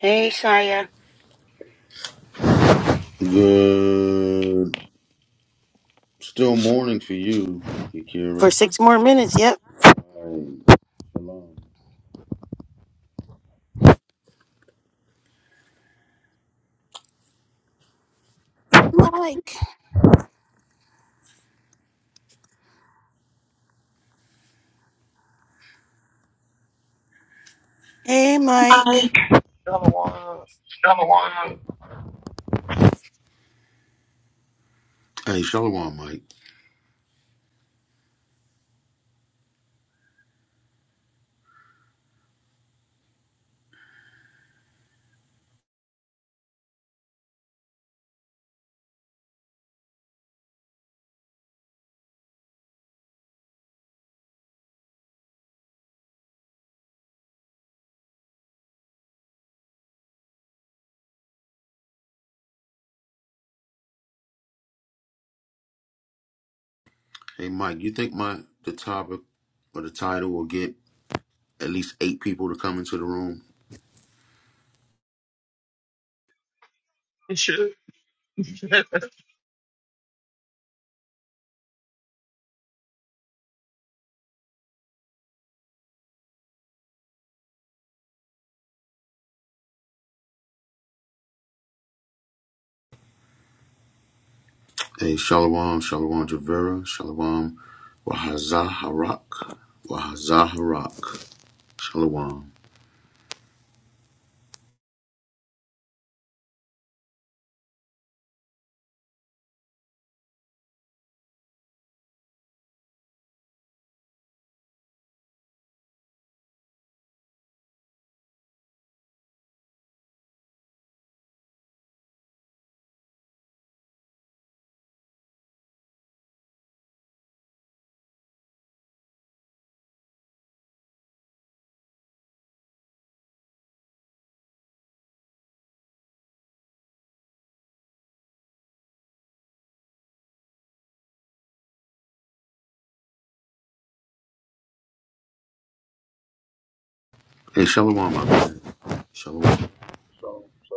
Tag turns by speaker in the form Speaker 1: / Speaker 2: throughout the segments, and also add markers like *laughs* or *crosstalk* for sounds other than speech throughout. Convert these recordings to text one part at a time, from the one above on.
Speaker 1: Hey, Saya.
Speaker 2: Good. Still morning for you, Akira.
Speaker 1: for six more minutes. Yep.
Speaker 2: Hey, shalom.
Speaker 1: Mike. Hey, Mike.
Speaker 2: Mike.
Speaker 3: Delaware
Speaker 2: Hey, shalom, Mike. Hey, Mike. You think my the topic or the title will get at least eight people to come into the room?
Speaker 3: and shit. *laughs*
Speaker 2: Hey, shalom, shalom, Javera, shalom, Wahazaharak, Wahazaharak, shalom. Hey, shalom, my man. Shalom.
Speaker 4: So, so,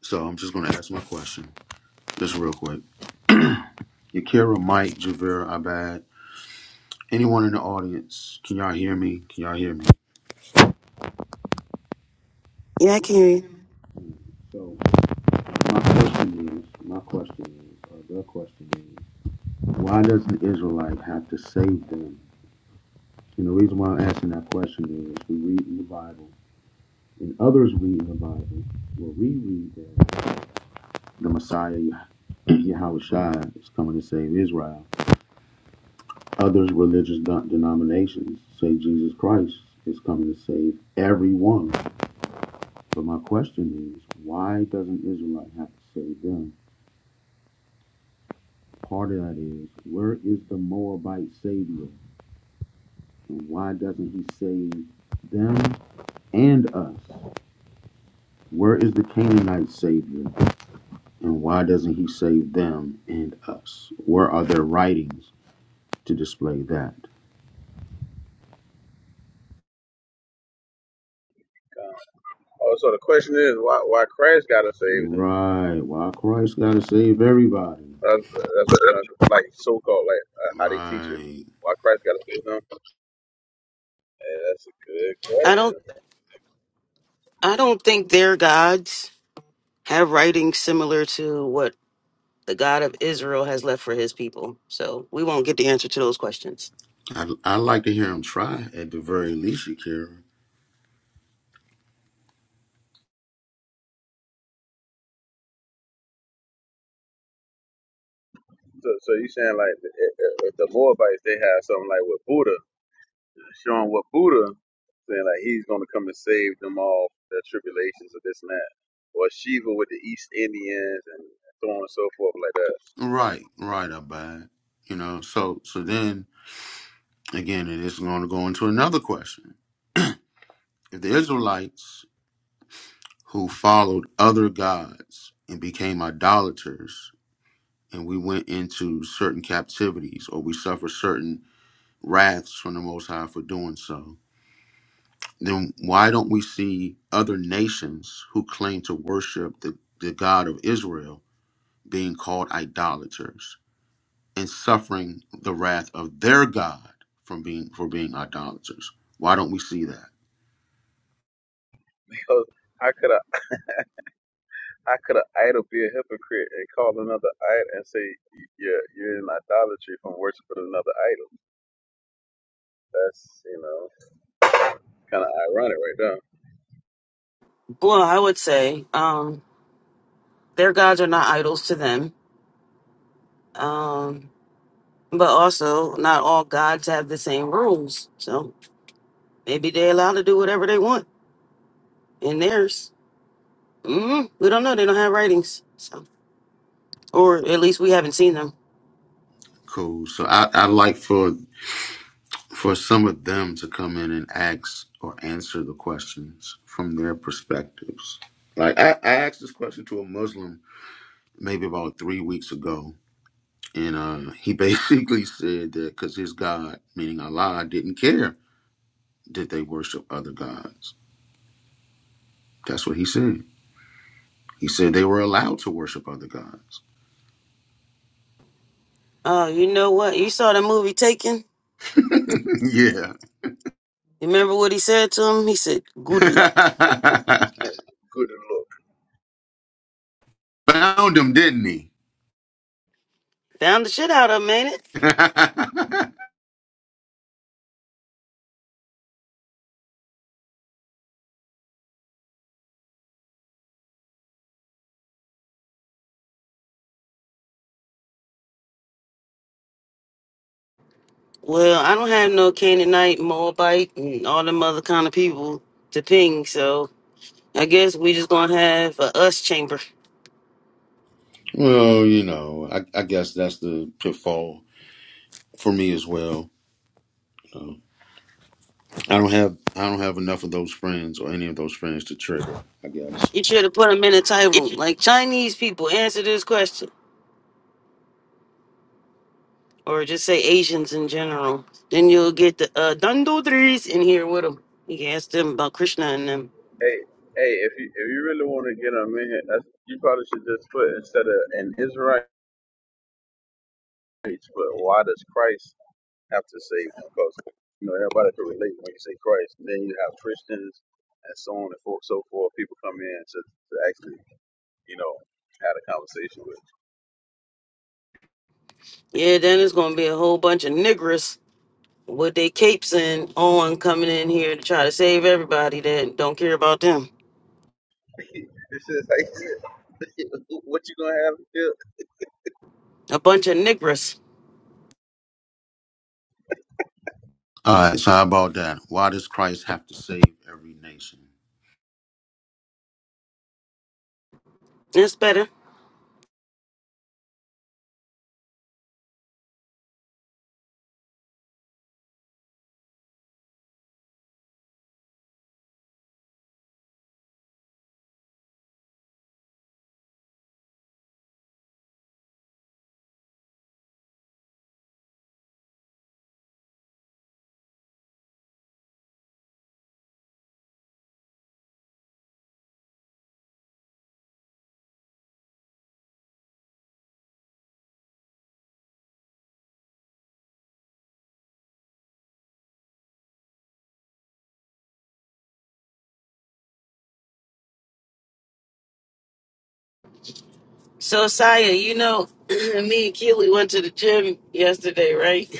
Speaker 2: So I'm just gonna ask my question, just real quick. Akira, Mike, Javera, Abad. Anyone in the audience, can y'all hear me? Can y'all hear me?
Speaker 1: Yeah, I can hear you.
Speaker 2: So my question is, my question is, or the question is, why does an Israelite have to save them? And the reason why I'm asking that question is, we read in the Bible, and others read in the Bible, where we read that the Messiah, *clears throat* Yahushua is coming to save Israel. Others religious de- denominations say Jesus Christ is coming to save everyone. But my question is, why does an Israelite have to save them? part of that is where is the Moabite Savior? And why doesn't he save them and us? Where is the Canaanite Savior? And why doesn't he save them and us? Where are their writings to display that?
Speaker 4: God. oh, so the question is, why, why Christ got to save them?
Speaker 2: Right. Why Christ got to save everybody?
Speaker 4: That's, that's what you're trying to, like, so called, like, uh, how they teach it.
Speaker 2: Right.
Speaker 4: Why Christ got to save them? Yeah, that's a good
Speaker 1: I
Speaker 4: question.
Speaker 1: don't. I don't think their gods have writings similar to what the God of Israel has left for His people. So we won't get the answer to those questions.
Speaker 2: I'd, I'd like to hear him try at the very least, Shakira.
Speaker 4: So, so you saying, like, if, if the Moabites, they have something like with Buddha, showing what Buddha, saying, like, he's going to come and save them all, their tribulations of this and that. Or Shiva with the East Indians and so on and so forth, like that. *laughs*
Speaker 2: Right. Right. I buy it. You know. So so then again, it is going to go into another question. If the Israelites who followed other gods and became idolaters, and we went into certain captivities or we suffer certain wraths from the Most High for doing so, then why don't we see other nations who claim to worship the, the God of Israel being called idolaters and suffering the wrath of their God from being for being idolaters? Why don't we see that?
Speaker 4: Because how could I? I could have idol be a hypocrite and call another idol and say you're you're in idolatry from worshiping another idol. That's you know kind of ironic right there.
Speaker 1: Well, I would say um, their gods are not idols to them, um, but also not all gods have the same rules. So maybe they're allowed to do whatever they want in theirs. hmm We don't know. They don't have writings. So. or at least we haven't seen them.
Speaker 2: Cool. So I, I'd like for for some of them to come in and ask or answer the questions from their perspectives. Like I, I asked this question to a Muslim maybe about three weeks ago, and uh, he basically *laughs* said that because his God, meaning Allah, didn't care that they worship other gods. That's what he said. He said they were allowed to worship other gods.
Speaker 1: Oh, you know what? You saw the movie Taken.
Speaker 2: *laughs* yeah,
Speaker 1: Remember what he said to him? He said, "Good luck."
Speaker 2: *laughs*
Speaker 4: Good look.
Speaker 2: found him, didn't he?
Speaker 1: Found the shit out of him, ain't it?
Speaker 2: *laughs*
Speaker 1: Well, I don't have no Canaanite, Moabite, and all them other kind of people to ping, so I guess we just gonna have a us chamber.
Speaker 2: well, you know, I, I guess that's the pitfall for me as well. You I don't have I don't have enough of those friends or any of those friends to trigger. I guess.
Speaker 1: You should have put them in a title, like Chinese people answer this question, or just say Asians in general. Then you'll get the uh, Dundodris in here with them. You can ask them about Krishna and them.
Speaker 4: Hey hey, if you if you really want to get on in here, that's, you probably should just put instead of an Israelite, but why does Christ have to save them? Because you know everybody can relate when you say Christ. Then you have Christians and so on and fo- so forth. People come in to, to actually you know have a conversation with.
Speaker 1: Yeah, then it's gonna be a whole bunch of niggers with their capes and on coming in here to try to save everybody that don't care about them.
Speaker 4: This is like, *laughs* what you gonna have here?
Speaker 1: A bunch of niggers.
Speaker 2: All right. So how about that? Why does Christ have to save every nation?
Speaker 1: That's better. So Saya, you know, *clears throat* me and Keely went to the gym yesterday, right? *laughs*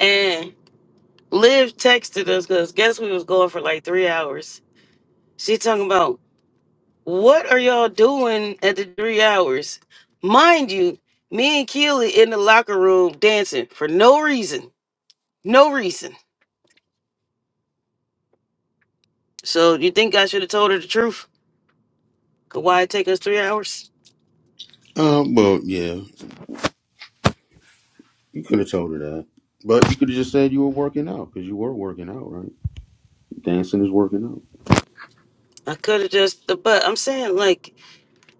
Speaker 1: And Liv texted us because guess we was going for like three hours. She talking about what are y'all doing at the three hours? Mind you, me and Keely in the locker room dancing for no reason. No reason. So you think I should have told her the truth? 'Cause Why it take us three hours?
Speaker 2: Um. Well, yeah. You could have told her that, but you could have just said you were working out because you were working out, right? Dancing is working out.
Speaker 1: I could have just but I'm saying like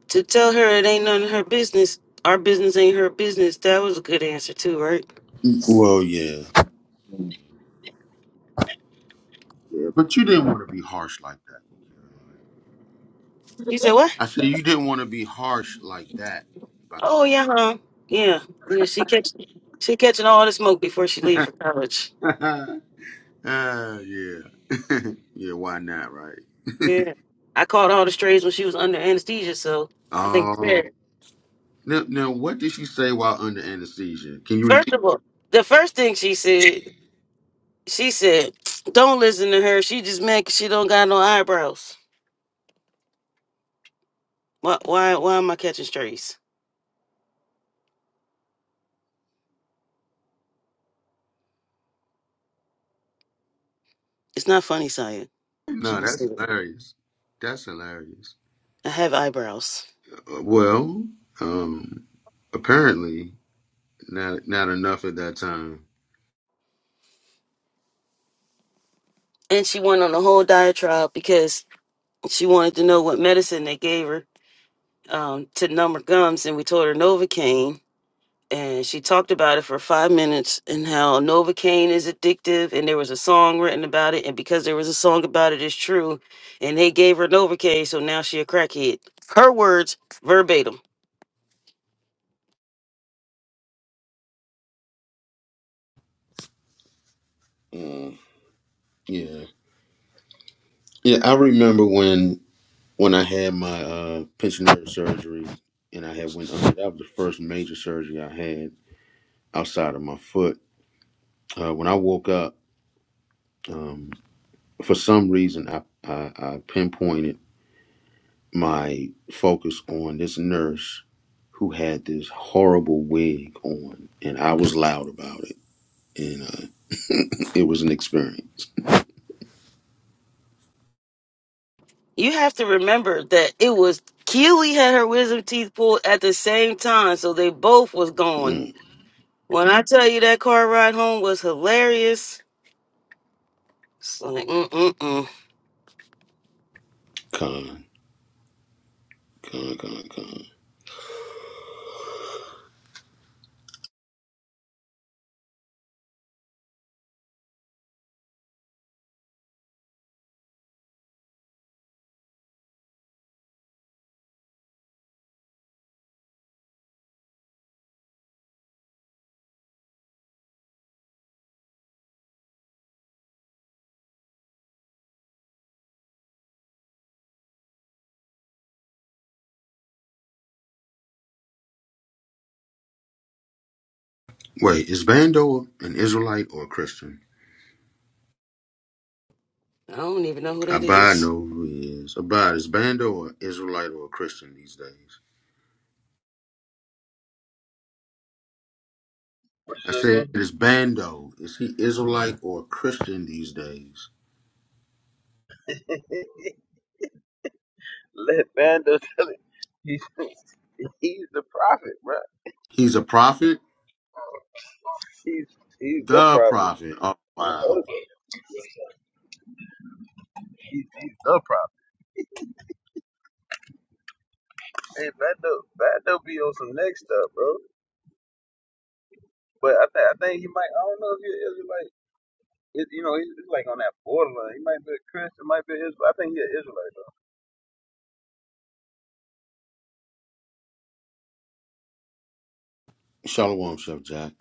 Speaker 1: to tell her it ain't none of her business. Our business ain't her business. That was a good answer too, right?
Speaker 2: Well, yeah. Yeah. But you didn't want to be harsh like that.
Speaker 1: You said what?
Speaker 2: I said you didn't want to be harsh like that. But
Speaker 1: Oh yeah, huh? Yeah, yeah. She catch she catching all the smoke before she leave for college.
Speaker 2: *laughs* uh, yeah. *laughs* yeah. Why not? Right. *laughs*
Speaker 1: Yeah, I caught all the strays when she was under anesthesia, so I think it's
Speaker 2: oh.
Speaker 1: fair.
Speaker 2: Now, now, what did she say while under anesthesia? Can you
Speaker 1: First
Speaker 2: repeat?
Speaker 1: of all, the first thing she said, she said, "Don't listen to her. She just mad 'cause she don't got no eyebrows." Why why why am I catching strays? It's not funny, Saya. I'm just
Speaker 2: No,
Speaker 1: gonna say
Speaker 2: that's
Speaker 1: it.
Speaker 2: hilarious. That's hilarious.
Speaker 1: I have eyebrows.
Speaker 2: Uh, well, um, apparently not not enough at that time.
Speaker 1: And she went on a whole diatribe because she wanted to know what medicine they gave her um, to numb her gums, and we told her Novocaine. And she talked about it for five minutes and how Novocaine is addictive, and there was a song written about it, and because there was a song about it, it's true. And they gave her Novocaine, so now she a crackhead. Her words verbatim.
Speaker 2: Mm, yeah, yeah. I remember when when I had my uh, pinched nerve surgery, and I had went under. That was the first major surgery I had outside of my foot. Uh, when I woke up, um, for some reason, I I, I pinpointed. my focus on this nurse who had this horrible wig on, and I was loud about it, and uh, *laughs* it was an experience.
Speaker 1: you have to remember that it was Keely had her wisdom teeth pulled at the same time, so they both was gone.
Speaker 2: Mm,
Speaker 1: When I tell you that car ride home was hilarious, it's like mm mm mm.
Speaker 2: con, con, con, con. Wait, is Bando an Israelite or a Christian?
Speaker 1: I don't even know who that
Speaker 2: Abad
Speaker 1: is.
Speaker 2: know who he is. Abad, is Bando an Israelite or a Christian these days?
Speaker 4: What
Speaker 2: I
Speaker 4: you
Speaker 2: said,
Speaker 4: again?
Speaker 2: is Bando, is he Israelite or a Christian these days?
Speaker 4: *laughs* Let Vando tell it. He's *laughs* he's the prophet, bro.
Speaker 2: He's a prophet?
Speaker 4: He's he's the
Speaker 2: The
Speaker 4: prophet.
Speaker 2: prophet. Oh, wow.
Speaker 4: He's, he's the prophet. Hey, Vando, Vando be on some next stuff, bro. But I think I think he might. I don't know if he's like. It, you know, he's, he's like on that borderline. He might be a Christian, might be an Israel. I think he's an Israelite though.
Speaker 2: Shalom, Chef Jack.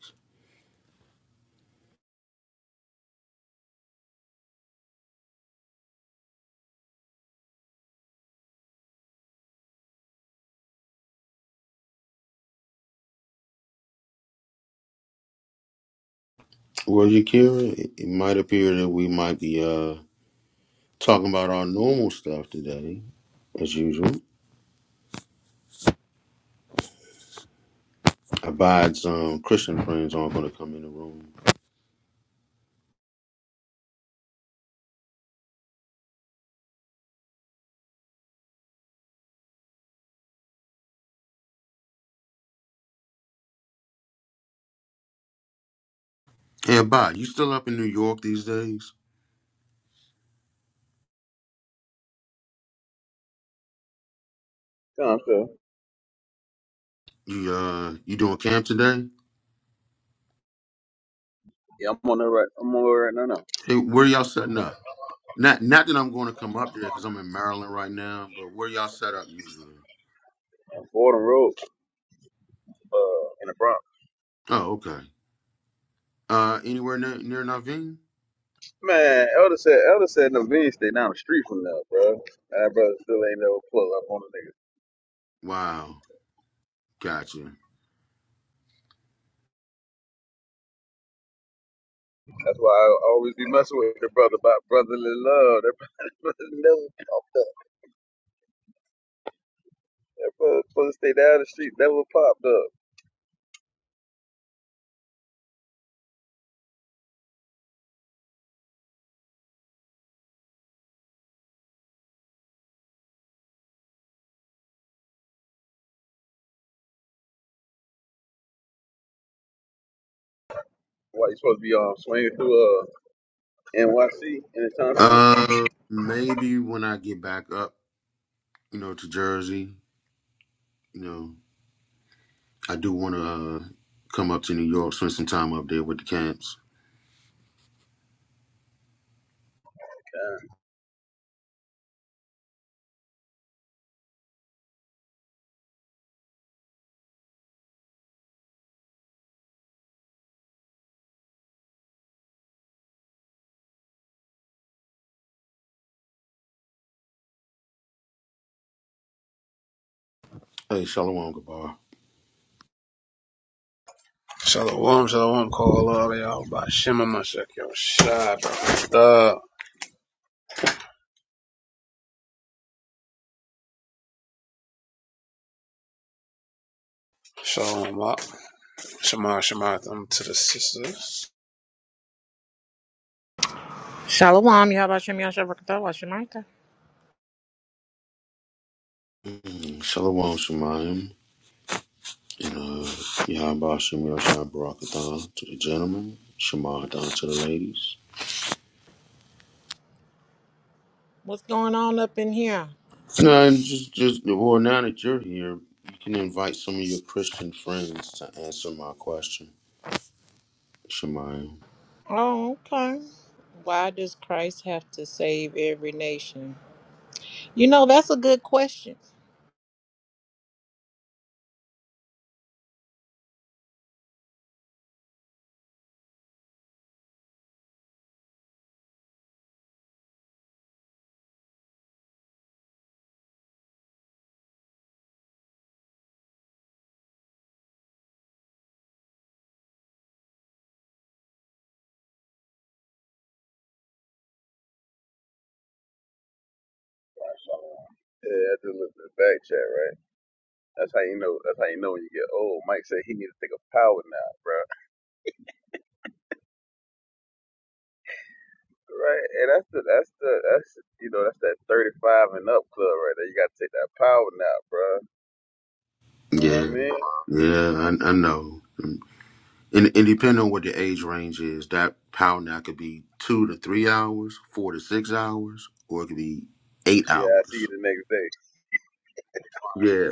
Speaker 2: Well, Yakira, it it might appear that we might be uh, talking about our normal stuff today, as usual. Abad's um, Christian friends aren't going to come in the room. Hey, Abad, you still up in New York these days?
Speaker 4: Yeah, I'm, sure.
Speaker 2: You uh, you doing camp today?
Speaker 4: yeah, I'm on the right. I'm on the right. No, no.
Speaker 2: Hey, where y'all setting up? Not not that I'm going to come up there because I'm in Maryland right now, but where y'all set up usually?
Speaker 4: On Fordham Road, uh, in the Bronx.
Speaker 2: Oh, okay. Uh, anywhere near, near Naveen?
Speaker 4: Man, Elder said Elder said no video stay down the street from now, bro. That brother still ain't never pull up on the nigga.
Speaker 2: Wow, gotcha.
Speaker 4: That's why I always be messing with the brother about brotherly love. That brother *laughs* never popped up. That brother supposed to stay down the street, never popped up. Why you supposed to be um swinging through uh NYC anytime soon?
Speaker 2: Uh, maybe when I get back up, you know, to Jersey, you know. I do want to uh, come up to New York, spend some time up there with the camps.
Speaker 4: Damn.
Speaker 2: Hey, Shalom Gabar.
Speaker 5: Shalom, shalom, call all y'all by Shema Mashek, yo, Shai, brother. Shalom, up. Shema, Shema, them to the sisters.
Speaker 6: Shalom, Yad Hashem, Yashem, Hashemaita.
Speaker 2: Mm, Shalom Shemayim. And uh, Yahba Shem Yashai Barakathon to the gentlemen. Shemahadon to the ladies.
Speaker 6: What's going on up in here?
Speaker 2: No, and just, just, well, now that you're here, you can invite some of your Christian friends to answer my question. Shemayim.
Speaker 6: Oh, okay. Why does Christ have to save every nation? You know, that's a good question.
Speaker 4: Yeah, I just looked at the back chat, right? That's how you know. That's how you know when you get old. Mike said he need to take a power nap, bro. Right, and that's the that's the that's you know that's that thirty five and up club right there. You got to take that power nap, bro. You know what I
Speaker 2: Yeah.
Speaker 4: mean?
Speaker 2: Yeah, I, I know. And, and depending on what the age range is, that power nap could be two to three hours, four to six hours, or it could be eight
Speaker 4: Yeah, I see
Speaker 2: hours.
Speaker 4: you the next day.
Speaker 2: Yeah,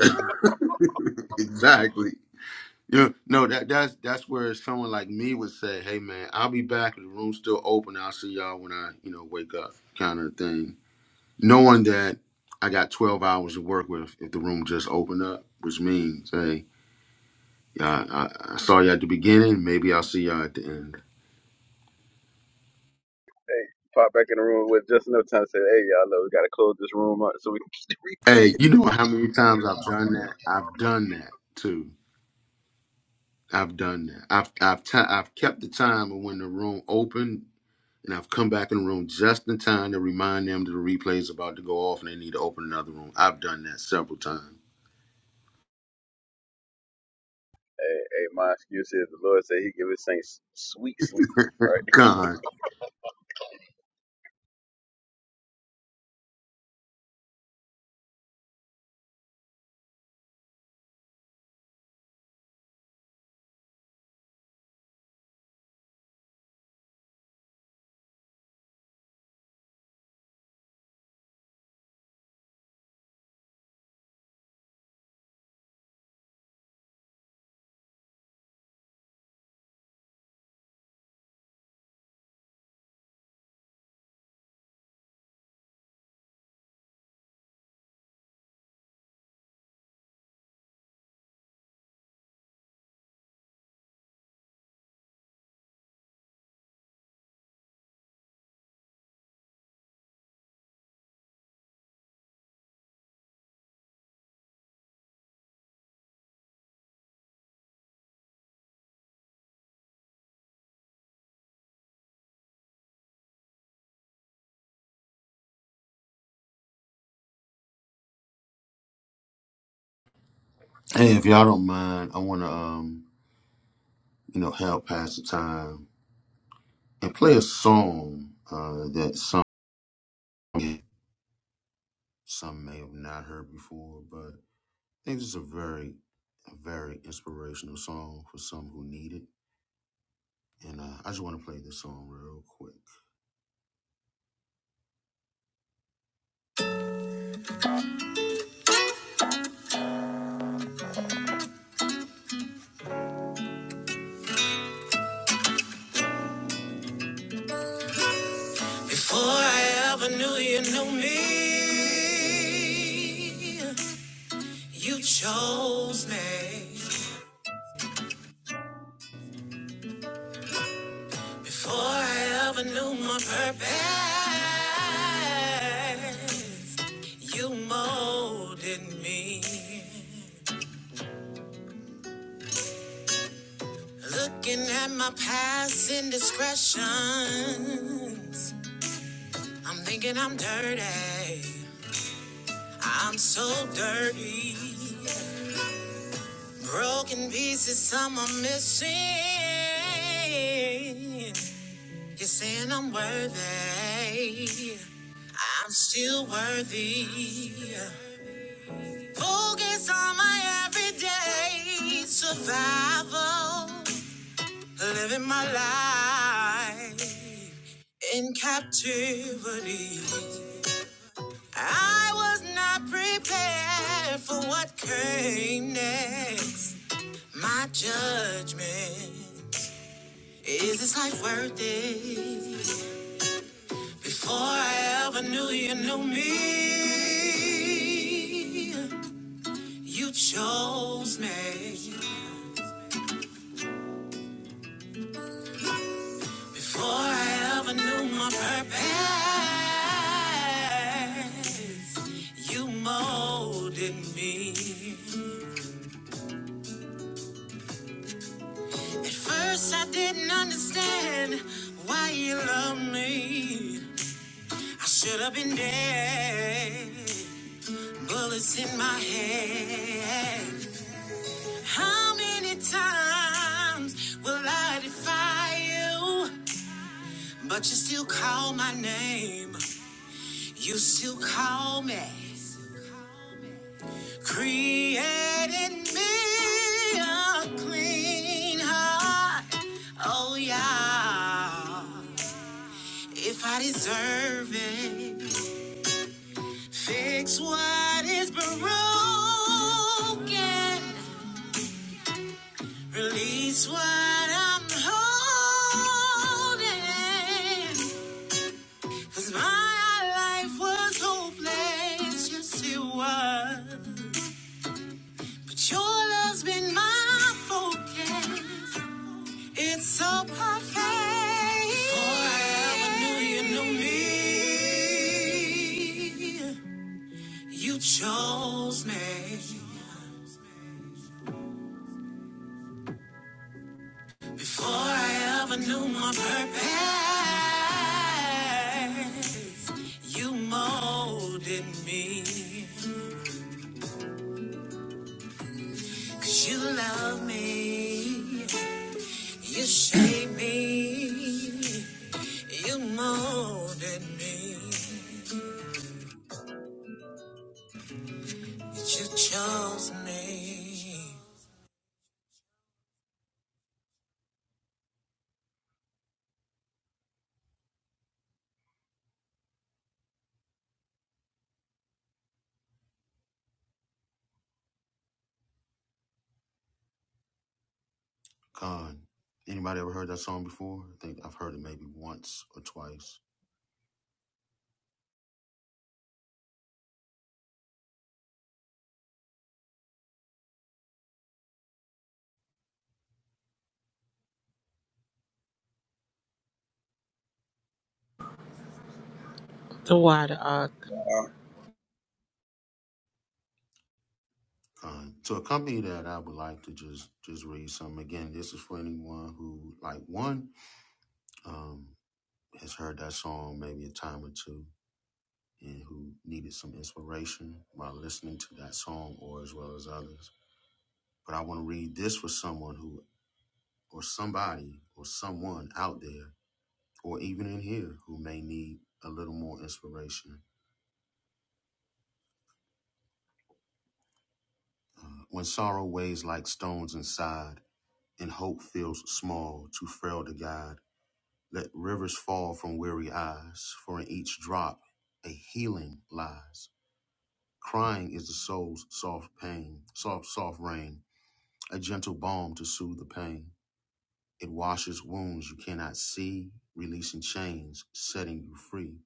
Speaker 2: *laughs* exactly. Yeah, no, that that's that's where someone like me would say, "Hey, man, I'll be back if the room's still open. I'll see y'all when I, you know, wake up," kind of thing. Knowing that I got twelve hours to work with if the room just opened up, which means, hey, yeah, I, I I saw you at the beginning. Maybe I'll see y'all at the end.
Speaker 4: Hey, pop back in the room with just enough time to say, hey, y'all know we gotta close this room up so we can keep the replay. *laughs*
Speaker 2: Hey, you know how many times I've done that? I've done that too. I've done that. I've I've ti I've kept the time of when the room opened, and I've come back in the room just in time to remind them that the replay is about to go off, and they need to open another room. I've done that several times.
Speaker 4: Hey, hey, my excuse is the Lord said He give His saints sweet sleep. right?
Speaker 2: God, hey, if y'all don't mind, I want to um you know help pass the time and play a song uh that some some may have not heard before, but I think this is a very a very inspirational song for some who need it. And uh, I just want to play this song real quick. Before I ever knew you knew me, you chose me. Before I ever knew my purpose, you molded me. Looking at my past indiscretions, I'm thinking I'm dirty. I'm so dirty. Broken pieces, some are missing. You're saying I'm worthy. I'm still worthy. Focus on my everyday survival. Living my life in captivity. I was not prepared for what came next. My judgment. Is this life worth it? Before I ever knew you knew me, you chose me. Before I ever knew my purpose, you molded me. At first, I didn't understand why you loved me. I should have been dead, bullets in my head. How many times will I defy you? But you still call my name. You still call me. Created me a clean heart. Oh, yeah. If I deserve it, fix what is broken. Release what I'm holding, 'cause my life was hopeless, yes it was. But your love's been my focus. It's so perfect. Before I ever knew you knew me, you chose me. Before I ever knew my purpose, you molded me. Cause you love me, you shaped me, you molded me, you chose me. Con, anybody ever heard that song before? I think I've heard it maybe once or twice.
Speaker 6: So why the uh,
Speaker 5: Uh,
Speaker 2: Uh, to accompany that, I would like to just just read some. Again, this is for anyone who, like one, um, has heard that song maybe a time or two, and who needed some inspiration while listening to that song, or as well as others. But I want to read this for someone who, or somebody, or someone out there, or even in here, who may need a little more inspiration. Uh, when sorrow weighs like stones inside, and hope feels small, too frail to guide. Let rivers fall from weary eyes, for in each drop a healing lies. Crying is the soul's soft pain, soft, soft rain, a gentle balm to soothe the pain. It washes wounds you cannot see, releasing chains, setting you free.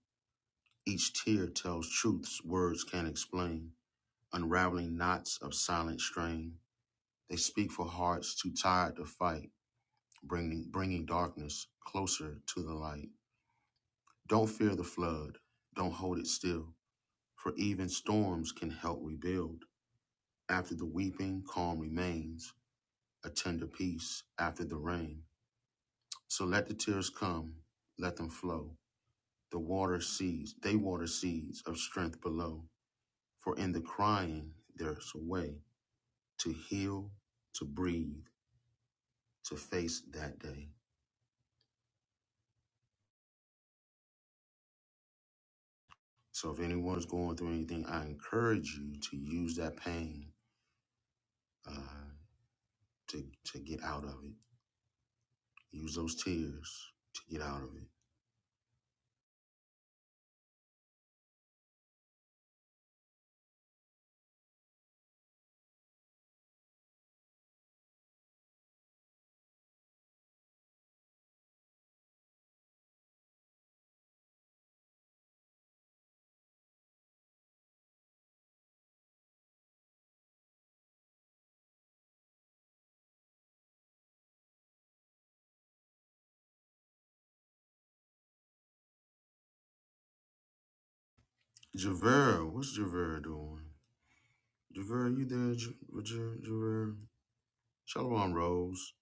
Speaker 2: Each tear tells truths words can't explain, unraveling knots of silent strain. They speak for hearts too tired to fight, bringing, bringing darkness closer to the light. Don't fear the flood, don't hold it still, for even storms can help rebuild. After the weeping, calm remains, a tender peace after the rain. So let the tears come, let them flow. The water seeds, they water seeds of strength below. For in the crying, there's a way to heal, to breathe, to face that day. So if anyone's going through anything, I encourage you to use that pain uh, to, to get out of it Use those tears to get out of it. Javera, what's Javera doing? Javera, you there, J- J- Javera? Shalom Rose.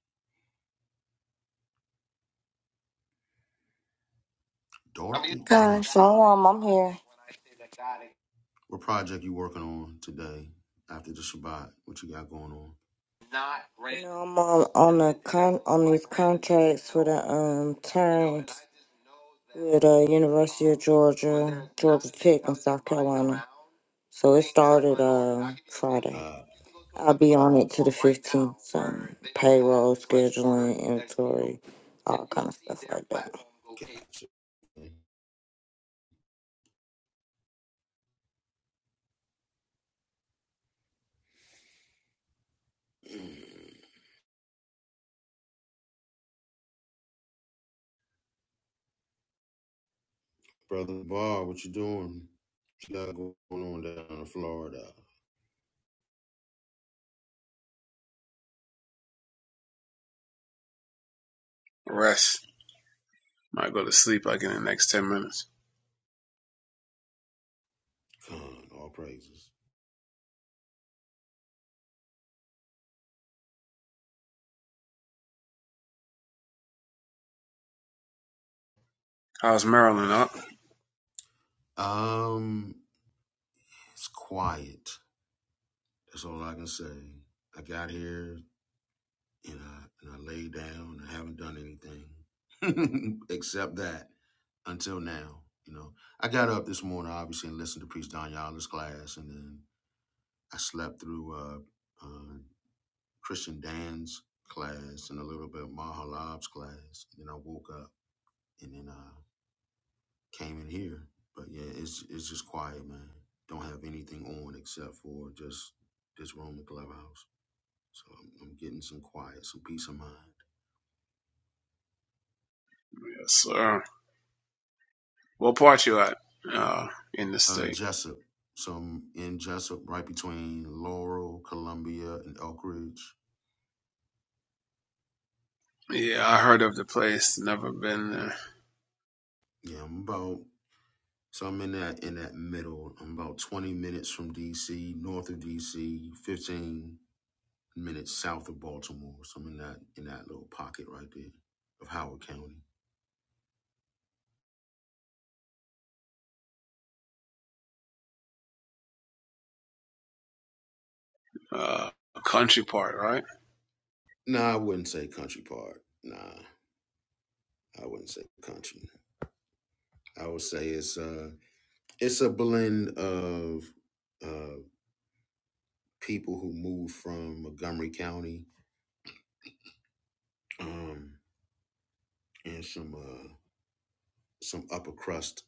Speaker 2: Dorothy Ah.
Speaker 7: Guys, shalom. I'm here.
Speaker 2: What project you working on today after the Shabbat? What you got going on?
Speaker 7: You know, I'm on on the con on these contracts for the um terms with the University of Georgia, Georgia Tech, and South Carolina. So it started uh Friday.
Speaker 2: Uh,
Speaker 7: I'll be on it to the 15th. So payroll, scheduling, inventory, all kind of stuff like that.
Speaker 2: gotcha. Brother Bar, what you doing? What you got going on down in Florida?
Speaker 5: Rest. Might go to sleep like in the next 10 minutes.
Speaker 2: Con, all praises.
Speaker 5: How's Maryland up?
Speaker 2: Um, it's quiet. That's all I can say. I got here and I, and I lay down. I haven't done anything *laughs* except that until now. You know, I got up this morning obviously and listened to Priest Don Yala's class, and then I slept through uh, uh, Christian Dan's class and a little bit of Mahalab's class. And then I woke up and then I came in here. But yeah, it's it's just quiet, man. Don't have anything on except for just this room, the clubhouse. So I'm, I'm getting some quiet, some peace of mind.
Speaker 5: Yes, sir. What part you at uh, in the
Speaker 2: Uh,
Speaker 5: state?
Speaker 2: Jessup. Some in Jessup, right between Laurel, Columbia, and Elk Ridge.
Speaker 5: Yeah, I heard of the place. Never been there.
Speaker 2: Yeah, I'm about. So I'm in that in that middle. I'm about 20 minutes from DC, north of DC, 15 minutes south of Baltimore. So I'm in that in that little pocket right there of Howard County.
Speaker 5: Uh, country part, right?
Speaker 2: Nah, I wouldn't say country part. Nah, I wouldn't say country. I would say it's uh it's a blend of uh people who moved from Montgomery County. Um and some uh some upper crust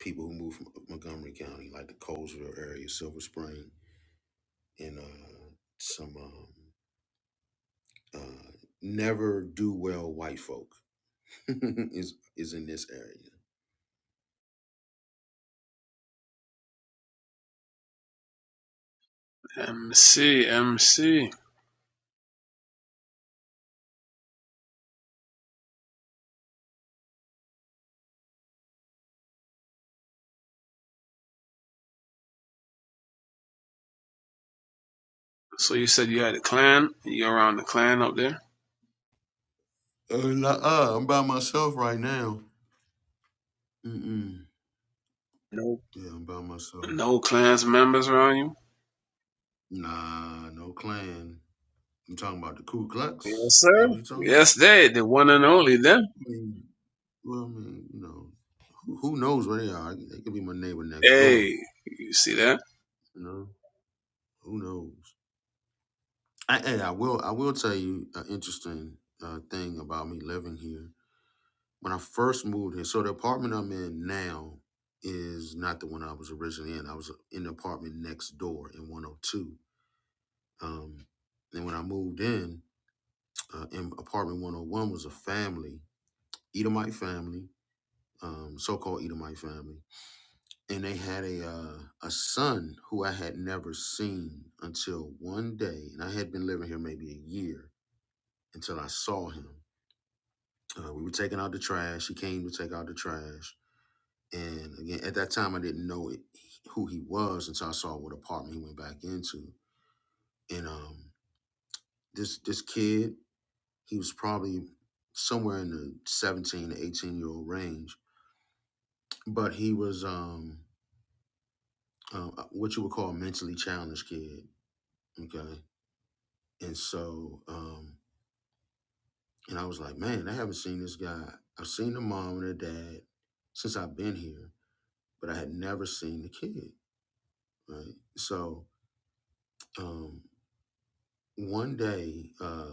Speaker 2: people who moved from Montgomery County, like the Colesville area, Silver Spring, and uh some um uh never do well white folk *laughs* is is in this area.
Speaker 5: MC, MC. So you said you had a clan? You around the clan up there?
Speaker 2: Uh, nah, uh I'm by myself right now. Mm-mm.
Speaker 5: No.
Speaker 2: Yeah, I'm by myself.
Speaker 5: No clans members around you?
Speaker 2: Nah, no clan. You talking about the Ku
Speaker 5: Yes,
Speaker 2: Klux? that
Speaker 5: sir.
Speaker 2: what you talking about?
Speaker 5: Yes,
Speaker 2: I
Speaker 5: they, the one and only them.
Speaker 2: mean, well, I mean, you know, who, who knows where they are? They could be my neighbor next door.
Speaker 5: Hey, you see that?
Speaker 2: You know, who knows? I, and I will I will tell you an interesting uh, thing about me living here. When I first moved here, so the apartment I'm in now is not the one I was originally in. I was uh, in the apartment next door in 102. Um, and when I moved in, uh, in apartment 101 was a family, Edomite family, um, so-called Edomite family, and they had a uh, a son who I had never seen until one day, and I had been living here maybe a year until I saw him Uh, we were taking out the trash. He came to take out the trash. And again, at that time, I didn't know it, who he was until I saw what apartment he went back into. And um, this this kid, he was probably somewhere in the 17 to 18 year old range, but he was um, uh, uh, what you would call a mentally challenged kid. Okay. And so, um, and I was like, man, I haven't seen this guy. I've seen the mom and the dad since I've been here, but I had never seen the kid. right? So um, one day, uh,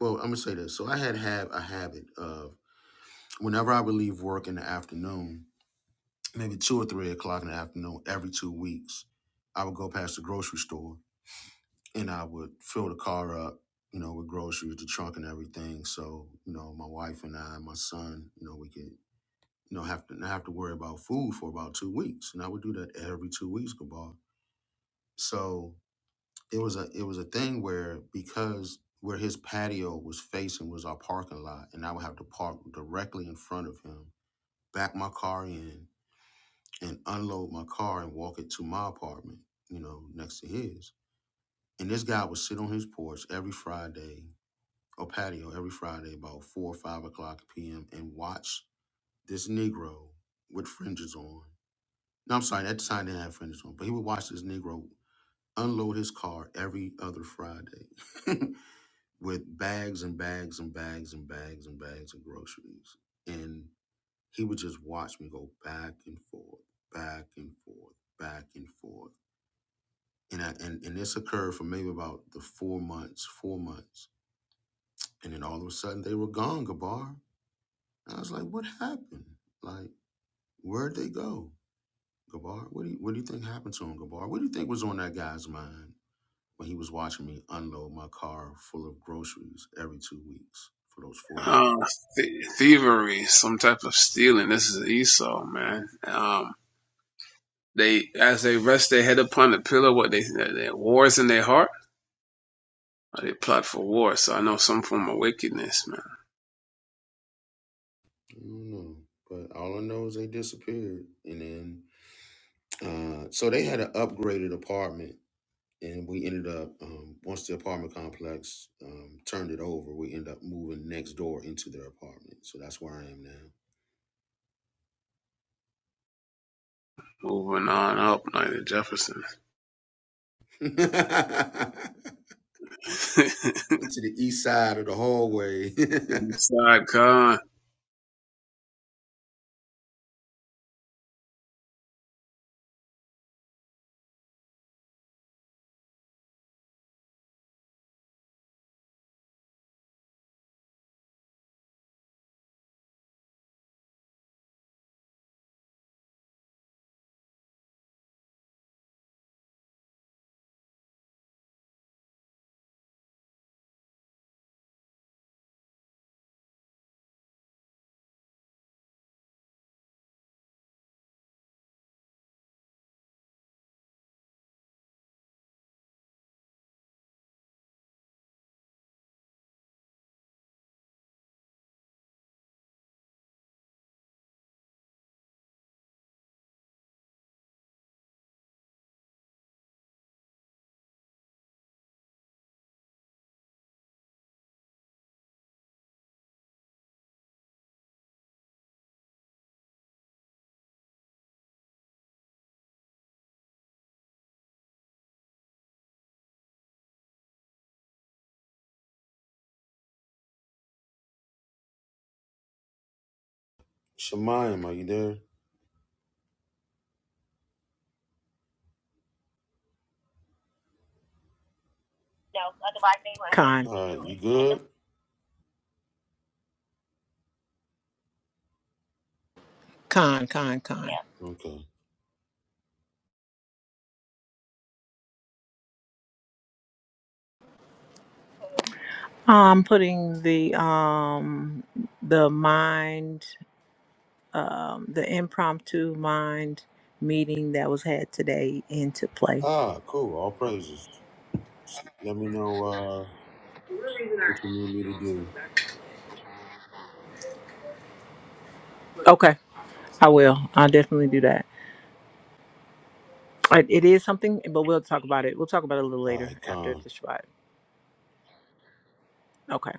Speaker 2: well, I'm gonna say this. So I had have a habit of whenever I would leave work in the afternoon, maybe two or three o'clock in the afternoon, every two weeks, I would go past the grocery store and I would fill the car up, you know, with groceries, the trunk and everything. So you know, my wife and I, and my son, you know, we could. You know, have to not have to worry about food for about two weeks, and I would do that every two weeks, Gabar. So it was a it was a thing where because where his patio was facing was our parking lot and I would have to park directly in front of him, back my car in and unload my car and walk it to my apartment, you know, next to his. And this guy would sit on his porch every Friday or patio every Friday about four or five o'clock PM and watch this Negro with fringes on. No, I'm sorry, at the time they didn't have fringes on, but he would watch this Negro unload his car every other Friday. *laughs* with bags and bags and bags and bags and bags of groceries. And he would just watch me go back and forth, back and forth, back and forth. And, I, and, and this occurred for maybe about the four months, four months. And then all of a sudden they were gone, Gabar. And I was like, what happened? Like, where'd they go? Gabar, what do you, what do you think happened to him, Gabar? What do you think was on that guy's mind when he was watching me unload my car full of groceries every two weeks for those four
Speaker 5: Uh,
Speaker 2: months?
Speaker 5: th- thievery, some type of stealing. This is Esau, man. Um, they, as they rest their head upon the pillow, what they, their wars in their heart, or they plot for war. So I know some form of wickedness, man.
Speaker 2: I don't know. But all I know is they disappeared. And then, uh, so they had an upgraded apartment. And we ended up, um, once the apartment complex um, turned it over, we ended up moving next door into their apartment. So that's where I am now.
Speaker 5: Moving on up, like the Jefferson.
Speaker 2: *laughs*
Speaker 5: *laughs* Side
Speaker 2: to the east side of the hallway. *laughs*
Speaker 5: con,
Speaker 2: Shemayim, are you there?
Speaker 6: No, otherwise they would. Con,
Speaker 2: All right, you good?
Speaker 6: con, con, con. Yeah.
Speaker 2: Okay.
Speaker 6: I'm putting the um the mind um the impromptu mind meeting that was had today into play.
Speaker 2: Ah, cool. All praises. Let me know uh, what you need me to do.
Speaker 6: Okay, I will. I'll definitely do that. It it is something, but we'll talk about it. We'll talk about it a little
Speaker 2: All
Speaker 6: later
Speaker 2: right,
Speaker 6: after
Speaker 2: Con.
Speaker 6: the Shabbat. Okay.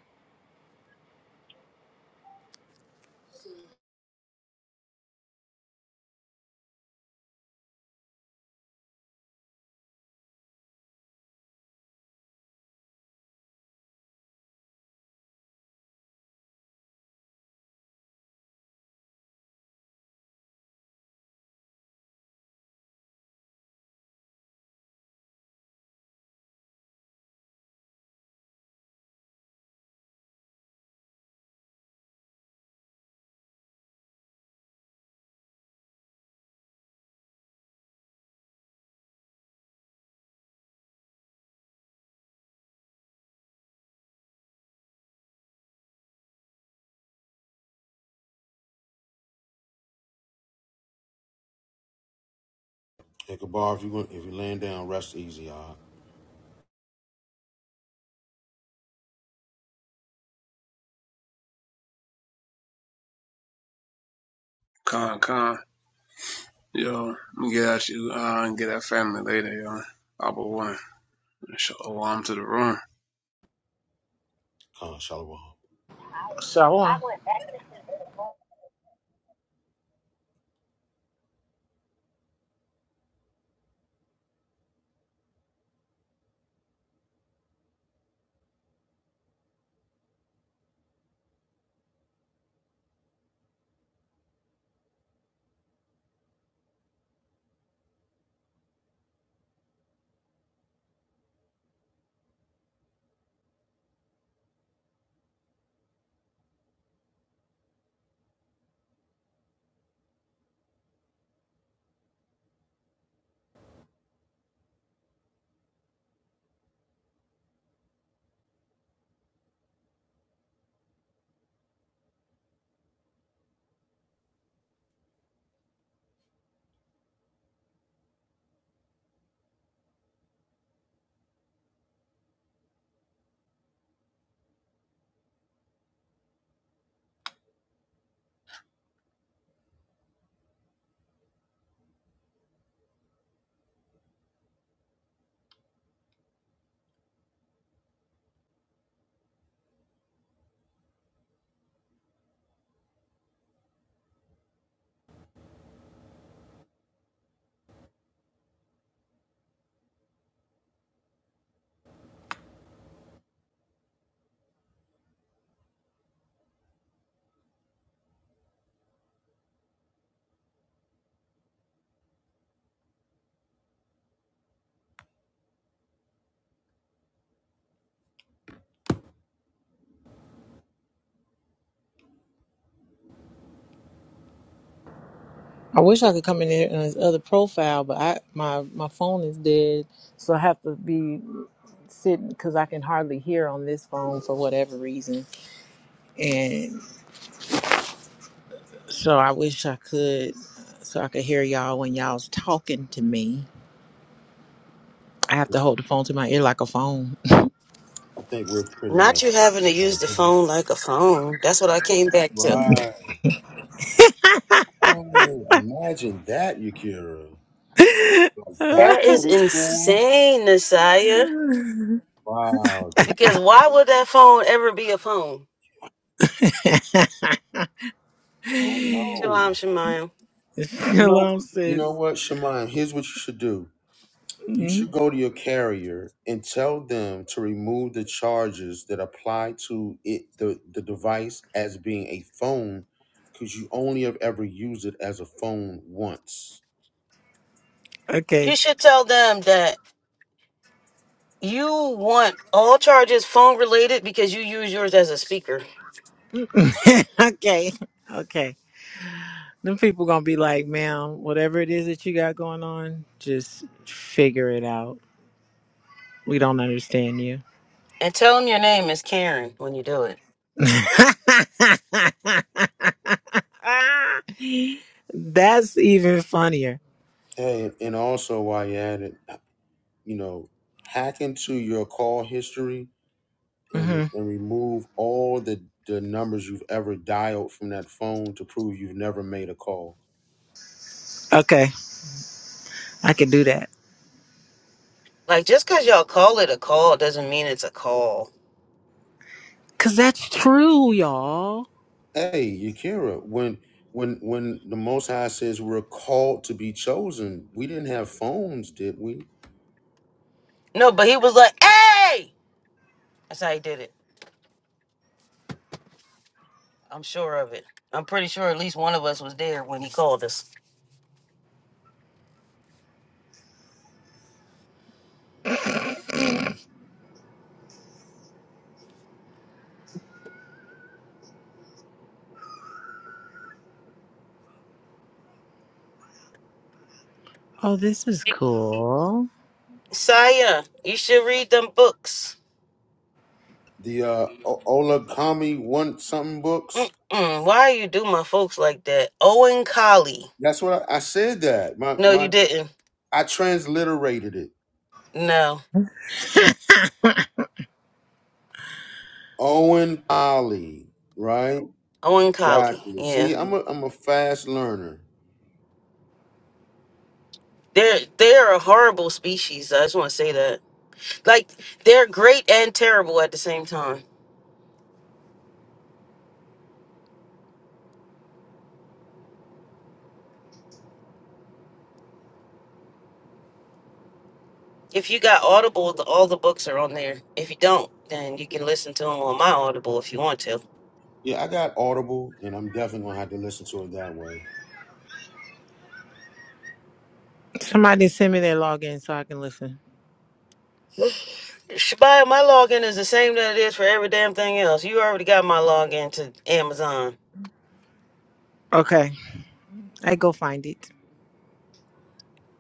Speaker 2: Ichabod, if you want, if you're laying down, rest easy. Uh,
Speaker 5: con, con. Yo, let me get at you, uh, and get that family later, yo. Abba one. Shalom to the room.
Speaker 2: Khan Shalom.
Speaker 6: Shalom. I wish I could come in there on his other profile, but I my my phone is dead, so I have to be sitting because I can hardly hear on this phone for whatever reason. And so I wish I could, so I could hear y'all when y'all's talking to me. I have to hold the phone to my ear like a phone.
Speaker 2: I think we're pretty
Speaker 1: Not
Speaker 2: much
Speaker 1: you having to
Speaker 2: uh,
Speaker 1: use the
Speaker 2: doing
Speaker 1: phone like a phone. That's what I came back to.
Speaker 2: right. Oh, imagine that, Yakira. Like
Speaker 1: That
Speaker 2: that's
Speaker 1: is
Speaker 2: what it's for.
Speaker 1: insane, Nasiah.
Speaker 2: Wow. The, the,
Speaker 1: Because why would that phone ever be a phone?
Speaker 6: *laughs*
Speaker 2: I don't know.
Speaker 1: Shalom, Shemayim.
Speaker 2: You know.
Speaker 6: Shalom,
Speaker 2: You
Speaker 6: sis.
Speaker 2: know what, Shemai? Here's what you should do. You
Speaker 6: Mhm.
Speaker 2: should go to your carrier and tell them to remove the charges that apply to it, the, the device as being a phone, because you only have ever used it as a phone once.
Speaker 1: You
Speaker 6: Okay.
Speaker 1: should tell them that you want all charges phone related because you use yours as a speaker.
Speaker 6: *laughs* okay. Okay. Them people gonna be like, ma'am, whatever it is that you got going on, just figure it out. We don't understand you.
Speaker 1: And tell them your name is Karen when you do it.
Speaker 6: *laughs* that's even funnier.
Speaker 2: Hey, and also while you're at it, you know, hack into your call history and,
Speaker 6: hmm
Speaker 2: and remove all the, the numbers you've ever dialed from that phone to prove you've never made a call.
Speaker 6: Okay, I can do that.
Speaker 1: Like, just because y'all call it a call doesn't mean it's a call.
Speaker 6: Cause that's true, y'all.
Speaker 2: Hey, Yakira, when when when the Most High says we're called to be chosen, we didn't have phones, did we?
Speaker 1: No, but he was like, hey! That's how he did it. I'm sure of it. I'm pretty sure at least one of us was there when he called us.
Speaker 6: Oh, this is cool.
Speaker 1: Saya, you should read them books.
Speaker 2: The uh, O- Olakami one something books.
Speaker 1: Mm-mm, why you do my folks like that? Owen Collie.
Speaker 2: That's what I, I said. That my
Speaker 1: No, you
Speaker 2: my
Speaker 1: didn't.
Speaker 2: I transliterated it.
Speaker 1: No.
Speaker 2: Owen Polly, right?
Speaker 1: Owen
Speaker 2: Got
Speaker 1: Collie.
Speaker 2: you.
Speaker 1: Yeah.
Speaker 2: See, I'm a I'm a fast learner.
Speaker 1: They're, they're a horrible species. I just want to say that. Like, they're great and terrible at the same time. If you got Audible, the, all the books are on there. If you don't, then you can listen to them on my Audible if you want to.
Speaker 2: Yeah, I got Audible, and I'm definitely gonna have to listen to it that way.
Speaker 6: Somebody send me their login so I can listen.
Speaker 1: Shabaya, my login is the same that it is for every damn thing else. You already got my login to Amazon.
Speaker 6: Okay, I go find it.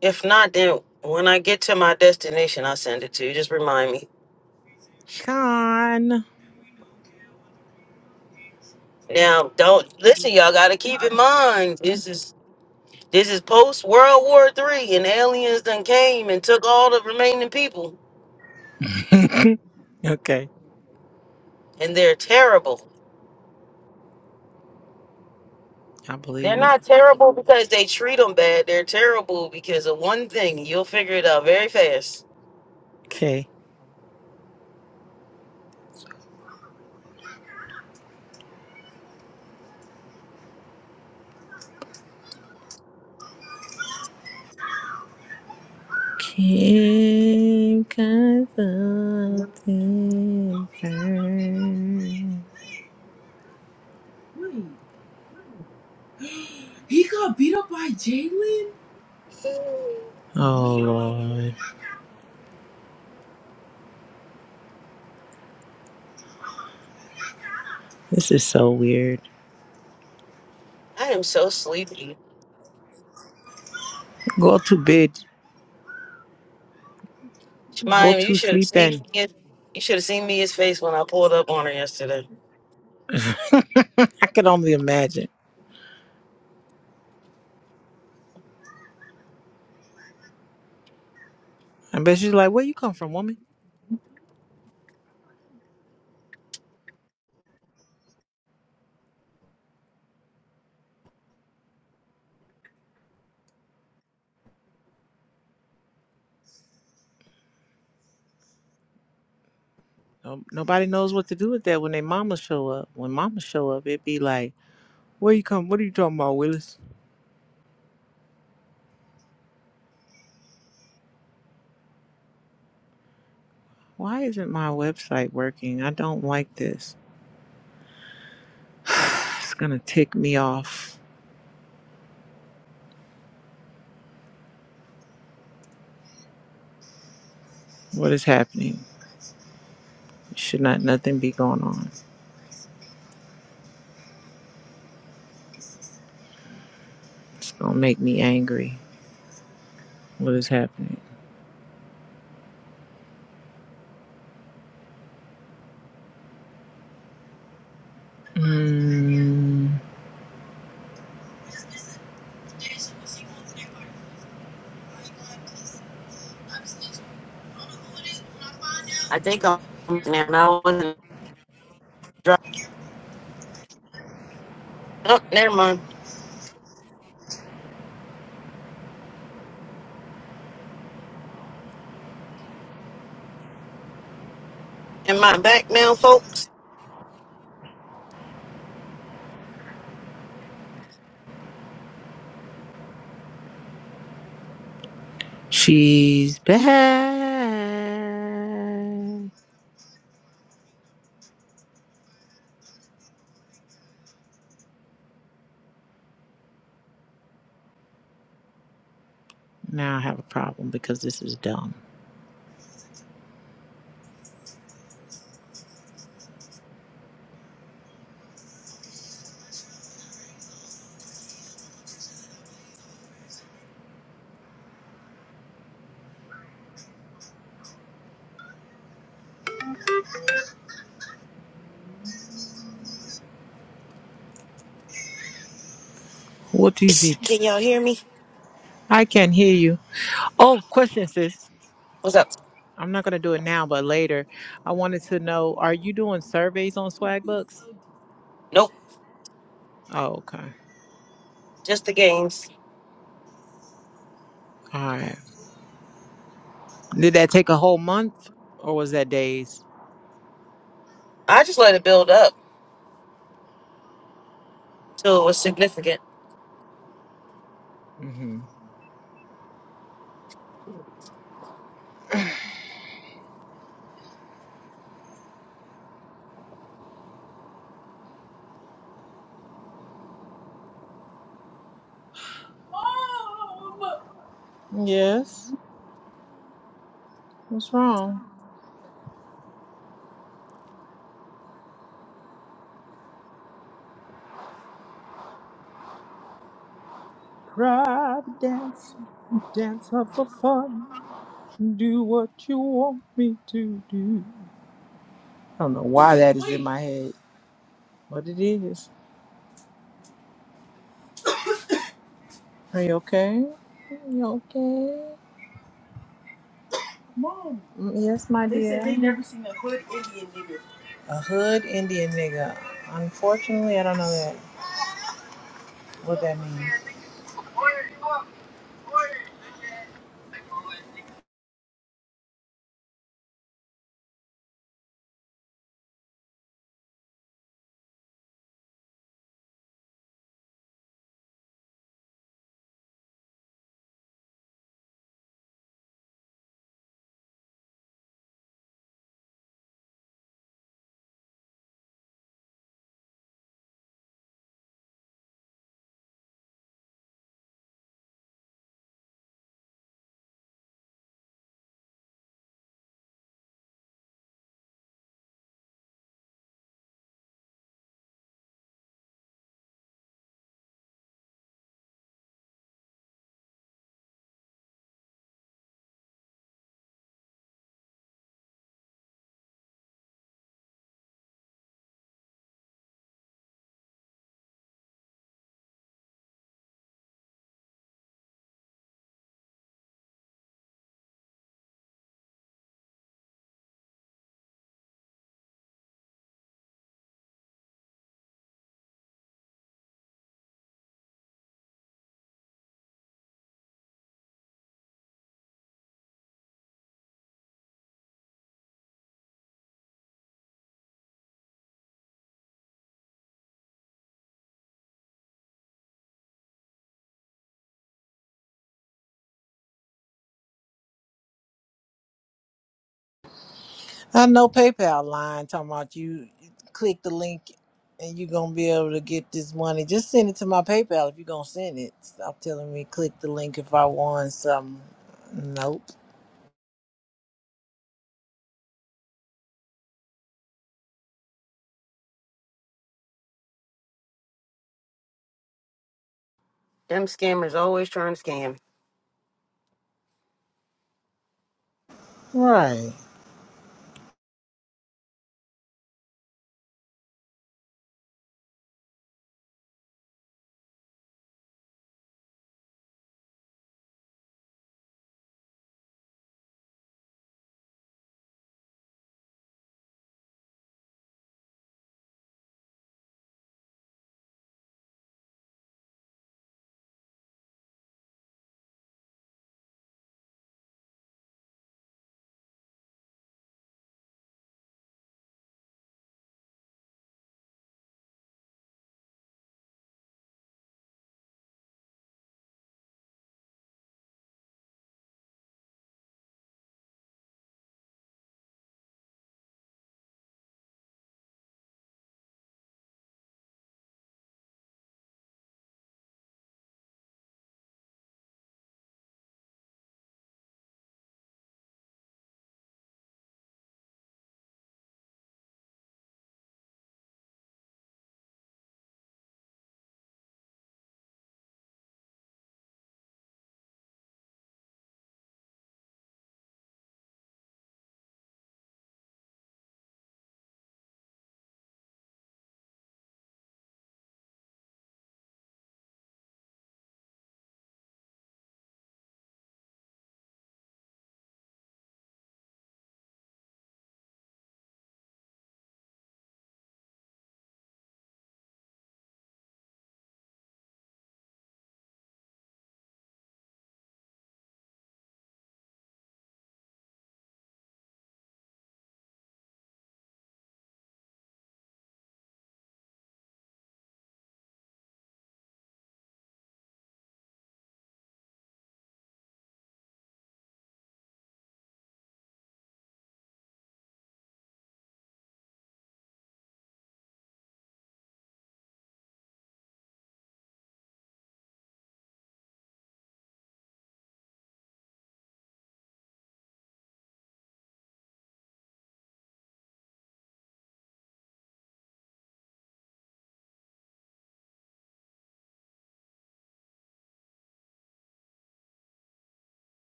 Speaker 1: If not, then when I get to my destination, I'll send it to you. Just remind me.
Speaker 6: Con.
Speaker 1: Now, don't listen, y'all. Got to keep in mind this is this is post World War Three, and aliens done came and took all the remaining people,
Speaker 6: Okay.
Speaker 1: and they're terrible.
Speaker 6: I
Speaker 1: They're
Speaker 6: believe it.
Speaker 1: not terrible because they treat them bad. They're terrible because of one thing. You'll figure it out very fast.
Speaker 6: Okay. Kim Consulting Firm. Wait, he got beat up by Jalen? Oh Lord, this is so weird.
Speaker 1: I am so sleepy.
Speaker 6: Go to bed, go
Speaker 1: Jemima, you
Speaker 6: to
Speaker 1: should have
Speaker 6: sleep,
Speaker 1: seen
Speaker 6: and
Speaker 1: his, you should have seen Mia's face when I pulled up on her yesterday.
Speaker 6: *laughs* I could only imagine. I bet she's like, "Where you come from, woman?" No, nobody knows what to do with that when their mama show up. When mama show up, it be like, "Where you come? What are you talking about, Willis? Why isn't my website working? I don't like this. *sighs* it's gonna tick me off. What is happening? Should not nothing be going on. It's gonna make me angry. What is happening? Mm,
Speaker 1: I think I'm there and I wasn't driving. Oh, never mind. Am I back now, folks?
Speaker 6: she's back. Now I have a problem because this is dumb. What is
Speaker 1: *sniffs*
Speaker 6: it?
Speaker 1: Can y'all hear me?
Speaker 6: I can hear you. Oh, question, sis.
Speaker 1: What's up?
Speaker 6: I'm not gonna do it now, but later. I wanted to know: Are you doing surveys on Swagbucks?
Speaker 1: Nope.
Speaker 6: Oh, okay.
Speaker 1: Just the games.
Speaker 6: All right. Did that take a whole month, or was that days?
Speaker 1: I just let it build up till it was significant.
Speaker 6: hmm Yes. What's wrong? Private dancer, dancer for fun. Do what you want me to do. I don't know why that is in my head, but it is. Are you okay? You okay? Mom. Mm, Yes, my dear. A hood Indian nigga. Unfortunately, I don't know that what that means. I know PayPal lying, talking about you click the link and you're gonna be able to get this money. Just send it to my PayPal if you're gonna send it. Stop telling me click the link if I want something. Nope.
Speaker 1: Them scammers always trying to scam.
Speaker 6: Right.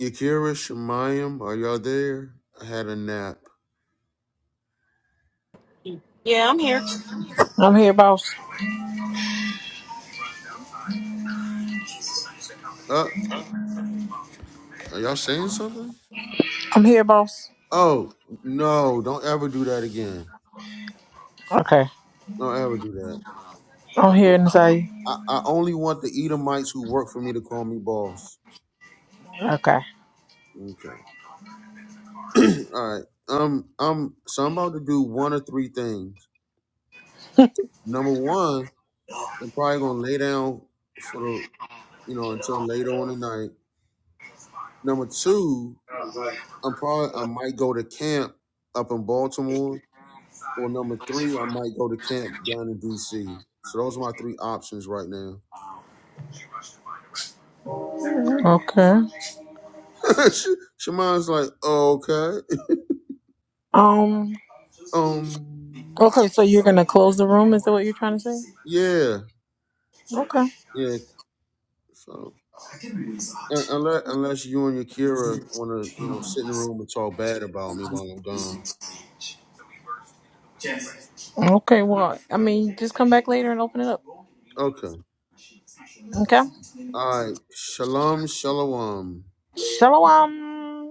Speaker 2: Yakira Shemayim, are y'all there? I had a nap.
Speaker 1: Yeah, I'm here.
Speaker 6: I'm here, boss.
Speaker 2: Uh, are y'all saying something?
Speaker 6: I'm here, boss.
Speaker 2: Oh no! Don't ever do that again.
Speaker 6: Okay.
Speaker 2: Don't ever do that. I,
Speaker 6: I'm here inside.
Speaker 2: I, I only want the Edomites who work for me to call me boss.
Speaker 6: Okay.
Speaker 2: Okay. *clears throat* All right. Um. I'm. So I'm about to do one of three things. Number one. I'm probably gonna lay down for the you know until later on the night. Number two, I'm probably I might go to camp up in Baltimore, or number three, I might go to camp down in D.C. So those are my three options right now.
Speaker 6: Okay.
Speaker 2: *laughs* Sh- Shaman's like, oh, okay,
Speaker 6: Um.
Speaker 2: um,
Speaker 6: Okay, so you're gonna close the room? Is that what you're trying to say?
Speaker 2: yeah,
Speaker 6: Okay.
Speaker 2: yeah. So un- unless unless you and your Kira want to you know sit in the room and talk bad about me while I'm gone,
Speaker 6: Okay. Well, I mean, just come back later and open it up.
Speaker 2: okay.
Speaker 6: Okay.
Speaker 2: All right, shalom, shalom.
Speaker 6: Shalom.